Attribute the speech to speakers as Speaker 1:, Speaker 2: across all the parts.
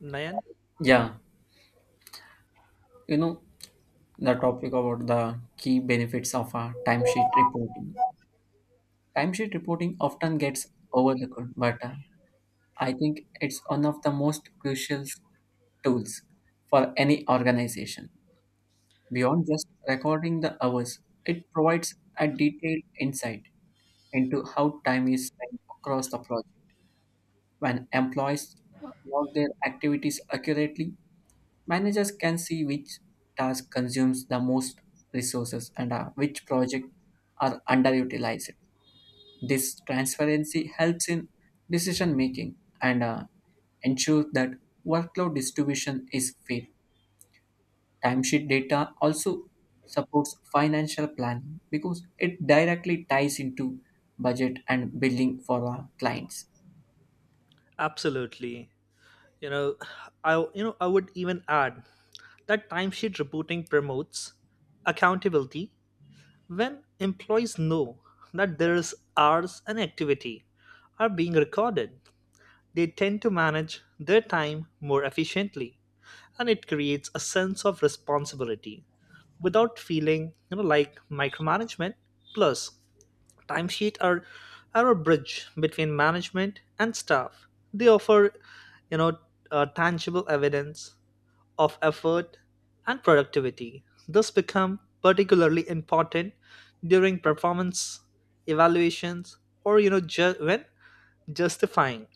Speaker 1: Nayan?
Speaker 2: Yeah, you know, the topic about the key benefits of timesheet reporting. Timesheet reporting often gets overlooked, but I think it's one of the most crucial tools for any organization. Beyond just recording the hours, it provides a detailed insight into how time is spent across the project. When employees log their activities accurately, managers can see which task consumes the most resources and, which projects are underutilized. This transparency helps in decision making and, ensures that workload distribution is fair. Timesheet data also supports financial planning because it directly ties into budget and billing for our clients.
Speaker 1: Absolutely. You know, I you know I would even add that timesheet reporting promotes accountability when employees know that their hours and activity are being recorded. They tend to manage their time more efficiently, and it creates a sense of responsibility without feeling like micromanagement. Plus, Timesheet are a bridge between management and staff. They offer, you know, tangible evidence of effort and productivity. This become particularly important during performance evaluations or when justifying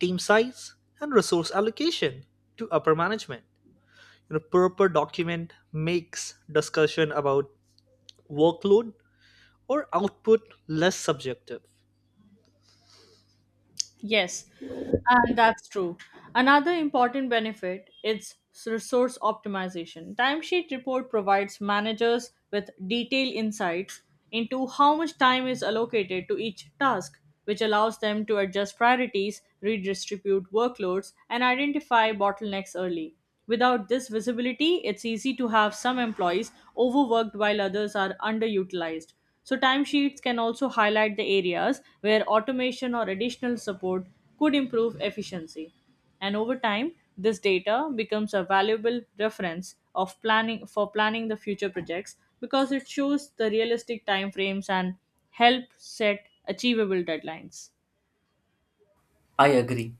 Speaker 1: team size and resource allocation to upper management. You know, proper document makes discussion about workload or output less subjective.
Speaker 3: Yes, and that's true. Another important benefit is resource optimization. Timesheet report provides managers with detailed insights into how much time is allocated to each task, which allows them to adjust priorities, redistribute workloads, and identify bottlenecks early. Without this visibility, it's easy to have some employees overworked while others are underutilized. So, timesheets can also highlight the areas where automation or additional support could improve efficiency. And over time, this data becomes a valuable reference of planning for planning the future projects because it shows the realistic timeframes and help set achievable deadlines.
Speaker 2: I agree.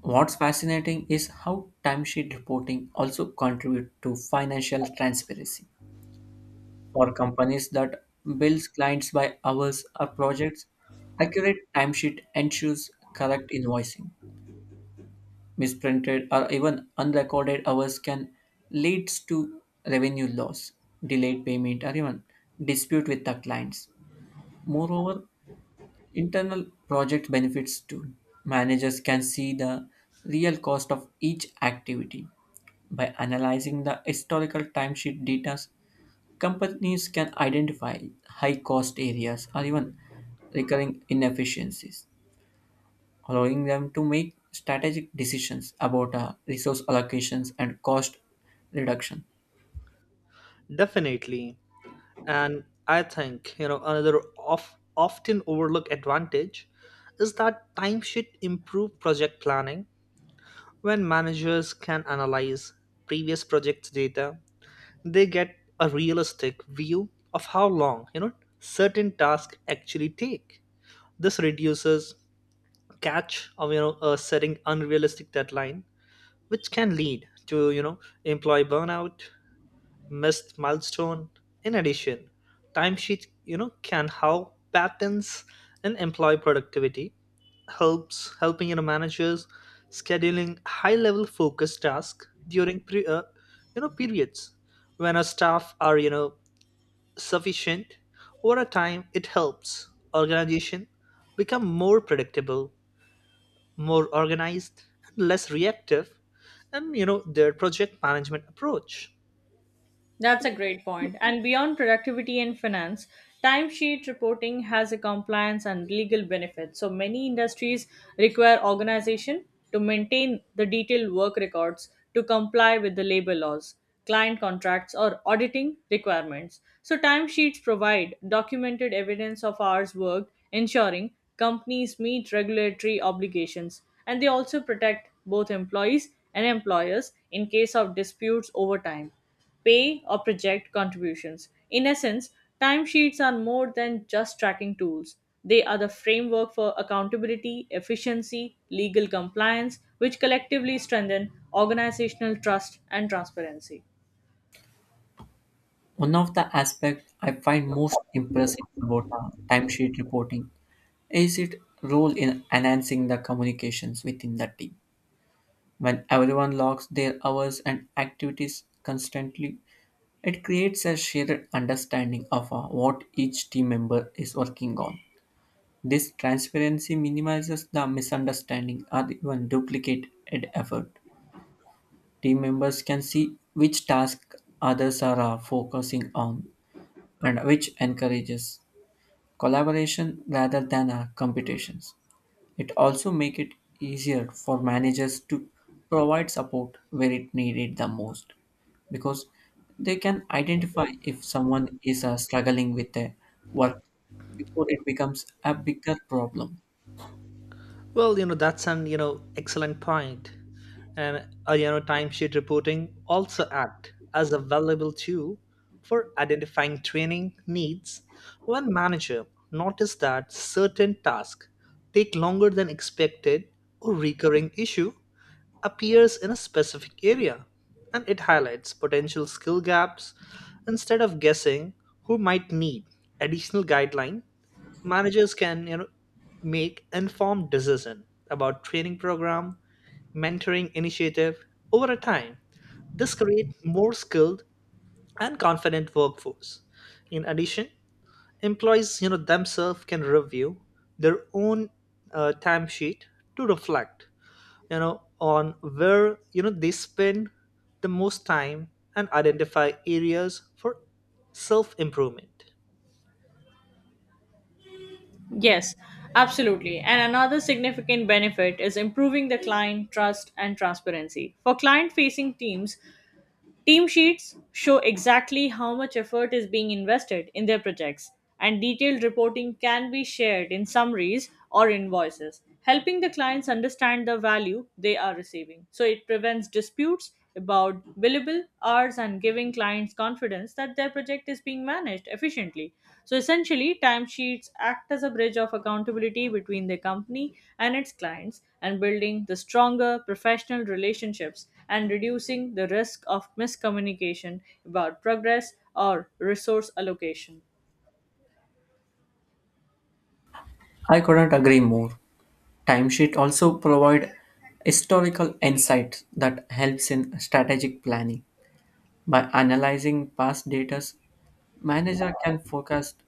Speaker 2: What's fascinating is how timesheet reporting also contribute to financial transparency. For companies that bills clients by hours or projects, accurate timesheet ensures correct invoicing. Misprinted or even unrecorded hours can lead to revenue loss, delayed payment, or even dispute with the clients. Moreover, internal project benefits too. Managers can see the real cost of each activity by analyzing the historical timesheet data. Companies can identify high cost areas or even recurring inefficiencies, allowing them to make strategic decisions about resource allocations and cost reduction.
Speaker 1: Definitely. And I think, another of, often overlooked advantage is that time should improve project planning. When managers can analyze previous project data, they get a realistic view of how long, certain tasks actually take. This reduces catch of, setting unrealistic deadline, which can lead to, employee burnout missed milestone. In addition, timesheet can have patterns in employee productivity, helps helping managers scheduling high level focus tasks during periods when our staff are sufficient over a time it helps organization become more predictable, more organized and less reactive and their project management approach.
Speaker 3: That's a great point. And beyond productivity and finance, timesheet reporting has a compliance and legal benefit. So many industries require organization to maintain the detailed work records to comply with the labor laws, client contracts, or auditing requirements. So timesheets provide documented evidence of hours worked, ensuring companies meet regulatory obligations. And they also protect both employees and employers in case of disputes over time pay or project contributions. In essence, timesheets are more than just tracking tools. They are the framework for accountability, efficiency, legal compliance, which collectively strengthen organizational trust and transparency.
Speaker 2: One of the aspects I find most impressive about timesheet reporting is its role in enhancing the communications within the team. When everyone logs their hours and activities constantly, it creates a shared understanding of what each team member is working on. This transparency minimizes the misunderstanding or even duplicated effort. Team members can see which task others are focusing on, and which encourages collaboration rather than competitions. It also make it easier for managers to provide support where it needed the most, because they can identify if someone is struggling with their work before it becomes a bigger problem.
Speaker 1: Well, that's an excellent point. And, timesheet reporting also act as a valuable tool for identifying training needs when manager notice that certain tasks take longer than expected or recurring issue appears in a specific area and it highlights potential skill gaps instead of guessing who might need additional guideline managers can make informed decision about training program mentoring initiative over a time this create more skilled and confident workforce in addition employees themselves can review their own timesheet to reflect on where they spend the most time and identify areas for self improvement.
Speaker 3: Yes, absolutely. And another significant benefit is improving the client trust and transparency. For client facing teams, team sheets show exactly how much effort is being invested in their projects, and detailed reporting can be shared in summaries or invoices, helping the clients understand the value they are receiving. So it prevents disputes about billable hours and giving clients confidence that their project is being managed efficiently. So essentially, timesheets act as a bridge of accountability between the company and its clients and building the stronger professional relationships and reducing the risk of miscommunication about progress or resource allocation.
Speaker 2: I couldn't agree more. Timesheet also provide historical insights that helps in strategic planning. By analyzing past data, manager can forecast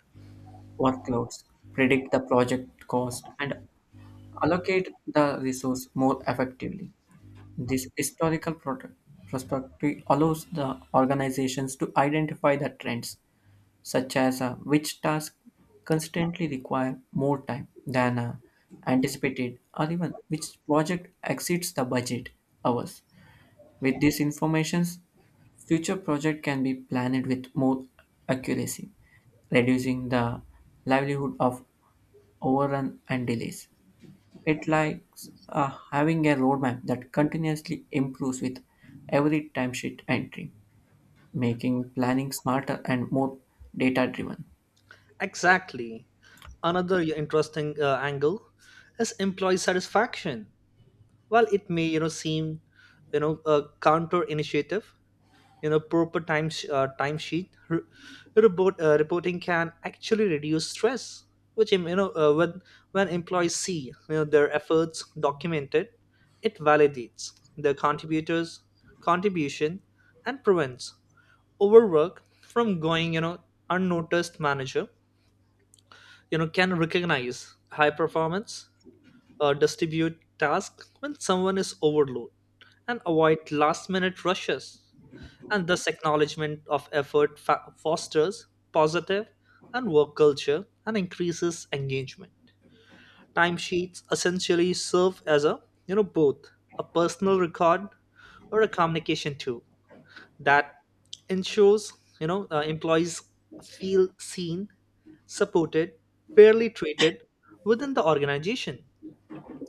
Speaker 2: workloads, predict the project cost, and allocate the resource more effectively. This historical perspective allows the organizations to identify the trends, such as which tasks constantly require more time than anticipated, or even which project exceeds the budget hours. With these informations, future project can be planned with more accuracy, reducing the livelihood of overrun and delays. It likes having a roadmap that continuously improves with every timesheet entry, making planning smarter and more data driven.
Speaker 1: Exactly. Another, yeah, interesting angle is employee satisfaction. While it may seem a counter initiative, proper timesheet reporting can actually reduce stress. Which when employees see their efforts documented, it validates their contributors contribution and prevents overwork from going unnoticed manager can recognize high performance, distribute tasks when someone is overloaded and avoid last minute rushes and thus acknowledgement of effort fosters positive and work culture and increases engagement. Timesheets essentially serve as a both a personal record or a communication tool that ensures employees feel seen, supported, fairly treated within the organization.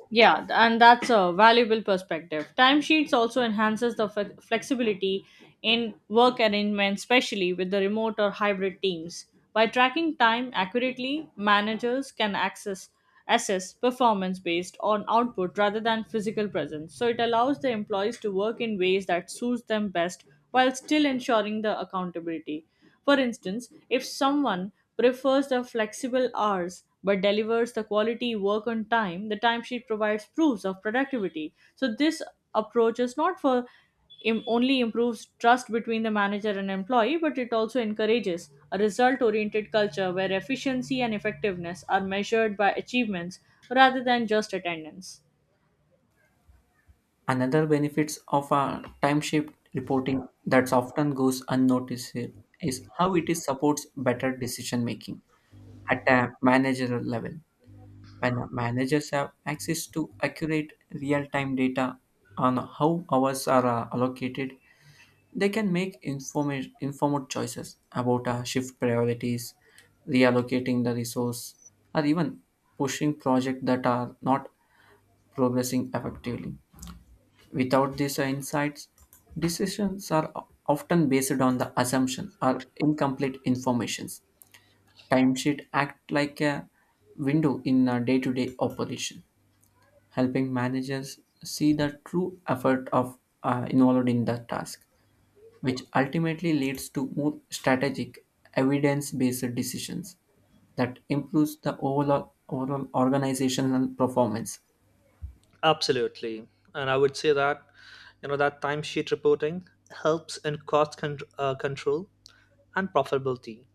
Speaker 3: Yeah, and that's a valuable perspective. Timesheets also enhances the flexibility in work arrangements, especially with the remote or hybrid teams. By tracking time accurately, managers can access assess performance based on output rather than physical presence. So it allows the employees to work in ways that suits them best while still ensuring the accountability. For instance, if someone prefers the flexible hours but delivers the quality work on time, the timesheet provides proofs of productivity. So this approach is not for im- only improves trust between the manager and employee, but it also encourages a result oriented culture where efficiency and effectiveness are measured by achievements rather than just attendance.
Speaker 2: Another benefits of a timesheet reporting that often goes unnoticed is how it is supports better decision making at a managerial level. When managers have access to accurate real-time data on how hours are allocated, they can make informed choices about shift priorities, reallocating the resource, or even pushing projects that are not progressing effectively. Without these insights, decisions are often based on the assumption or incomplete informations. Timesheet act like a window in a day-to-day operation, helping managers see the true effort of involved in the task, which ultimately leads to more strategic, evidence based decisions that improves the overall organizational performance.
Speaker 1: Absolutely. And I would say that that timesheet reporting helps in cost control and profitability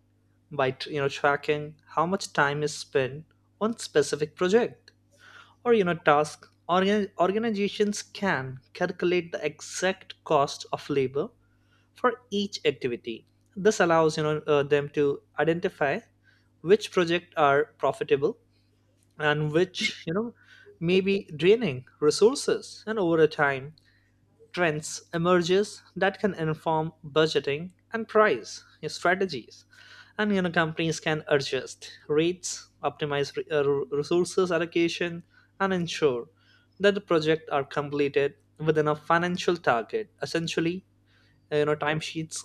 Speaker 1: by tracking how much time is spent on specific project or task organizations can calculate the exact cost of labor for each activity. This allows them to identify which projects are profitable and which may be draining resources and over time trends emerges that can inform budgeting and price strategies and companies can adjust rates optimize resources allocation and ensure that the project are completed within a financial target. Essentially timesheets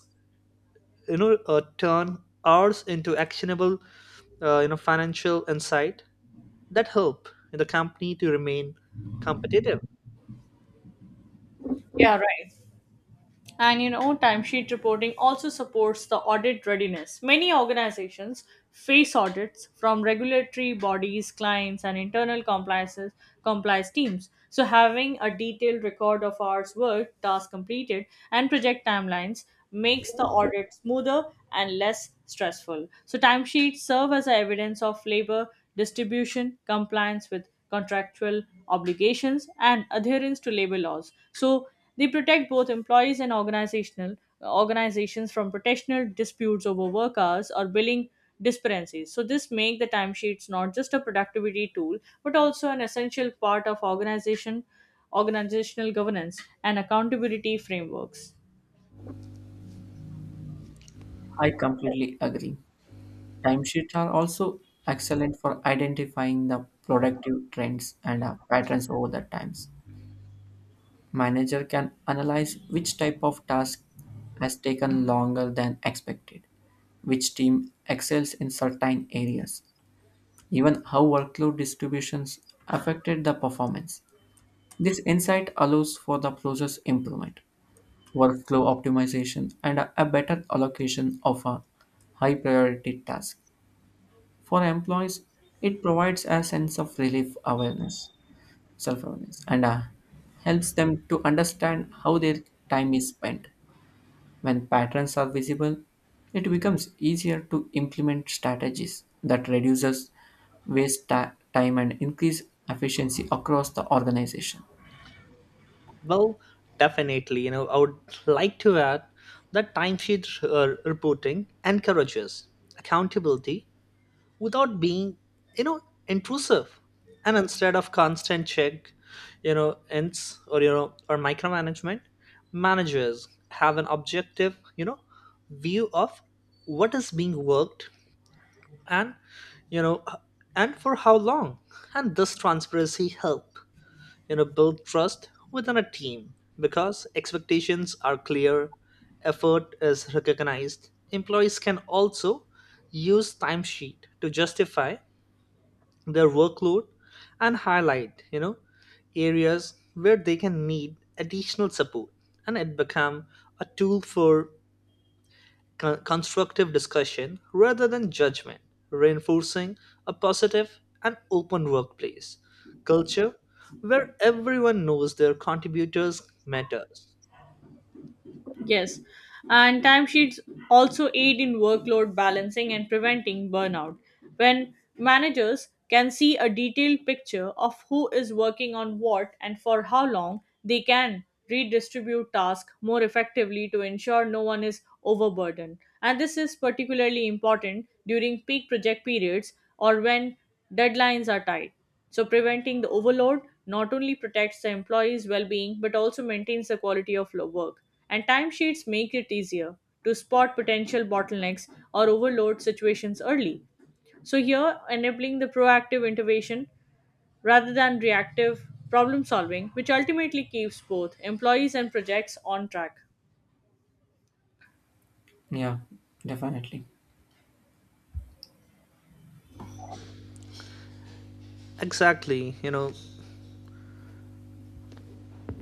Speaker 1: turn hours into actionable financial insight that help the company to remain competitive.
Speaker 3: Yeah, right. And you know, timesheet reporting also supports the audit readiness. Many organizations face audits from regulatory bodies, clients, and internal compliance teams. So having a detailed record of hours worked, tasks completed, and project timelines makes the audit smoother and less stressful. So timesheets serve as a evidence of labor distribution, compliance with contractual obligations, and adherence to labor laws. So they protect both employees and organizational organizations from professional disputes over work hours or billing discrepancies. So this make the timesheets not just a productivity tool but also an essential part of organizational governance and accountability frameworks.
Speaker 2: I completely agree. Timesheets are also excellent for identifying the productive trends and patterns over the times. Manager can analyze which type of task has taken longer than expected, which team excels in certain areas, even how workload distributions affected the performance. This insight allows for the process improvement, workflow optimization, and a better allocation of a high priority task. For employees, it provides a sense of self awareness, and helps them to understand how their time is spent. When patterns are visible, it becomes easier to implement strategies that reduces time and increase efficiency across the organization.
Speaker 1: Well, definitely, I would like to add that timesheet reporting encourages accountability without being you know intrusive and instead of constant check you know ins or you know or micromanagement managers have an objective view of what is being worked and you know and for how long and this transparency help build trust within a team because expectations are clear effort is recognized. Employees can also use timesheet to justify their workload and highlight areas where they can need additional support and it become a tool for constructive discussion rather than judgment, reinforcing a positive and open workplace culture where everyone knows their contributors matters.
Speaker 3: Yes, and timesheets also aid in workload balancing and preventing burnout. When managers can see a detailed picture of who is working on what and for how long, they can redistribute tasks more effectively to ensure no one is overburdened. And this is particularly important during peak project periods or when deadlines are tight. So, preventing the overload not only protects the employees' well being but also maintains the quality of work. And timesheets make it easier to spot potential bottlenecks or overload situations early. So, here enabling the proactive intervention rather than reactive problem solving, which ultimately keeps both employees and projects on track.
Speaker 2: Yeah, definitely.
Speaker 1: Exactly.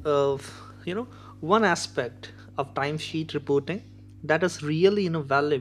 Speaker 1: of you know one aspect of timesheet reporting that is really invaluable.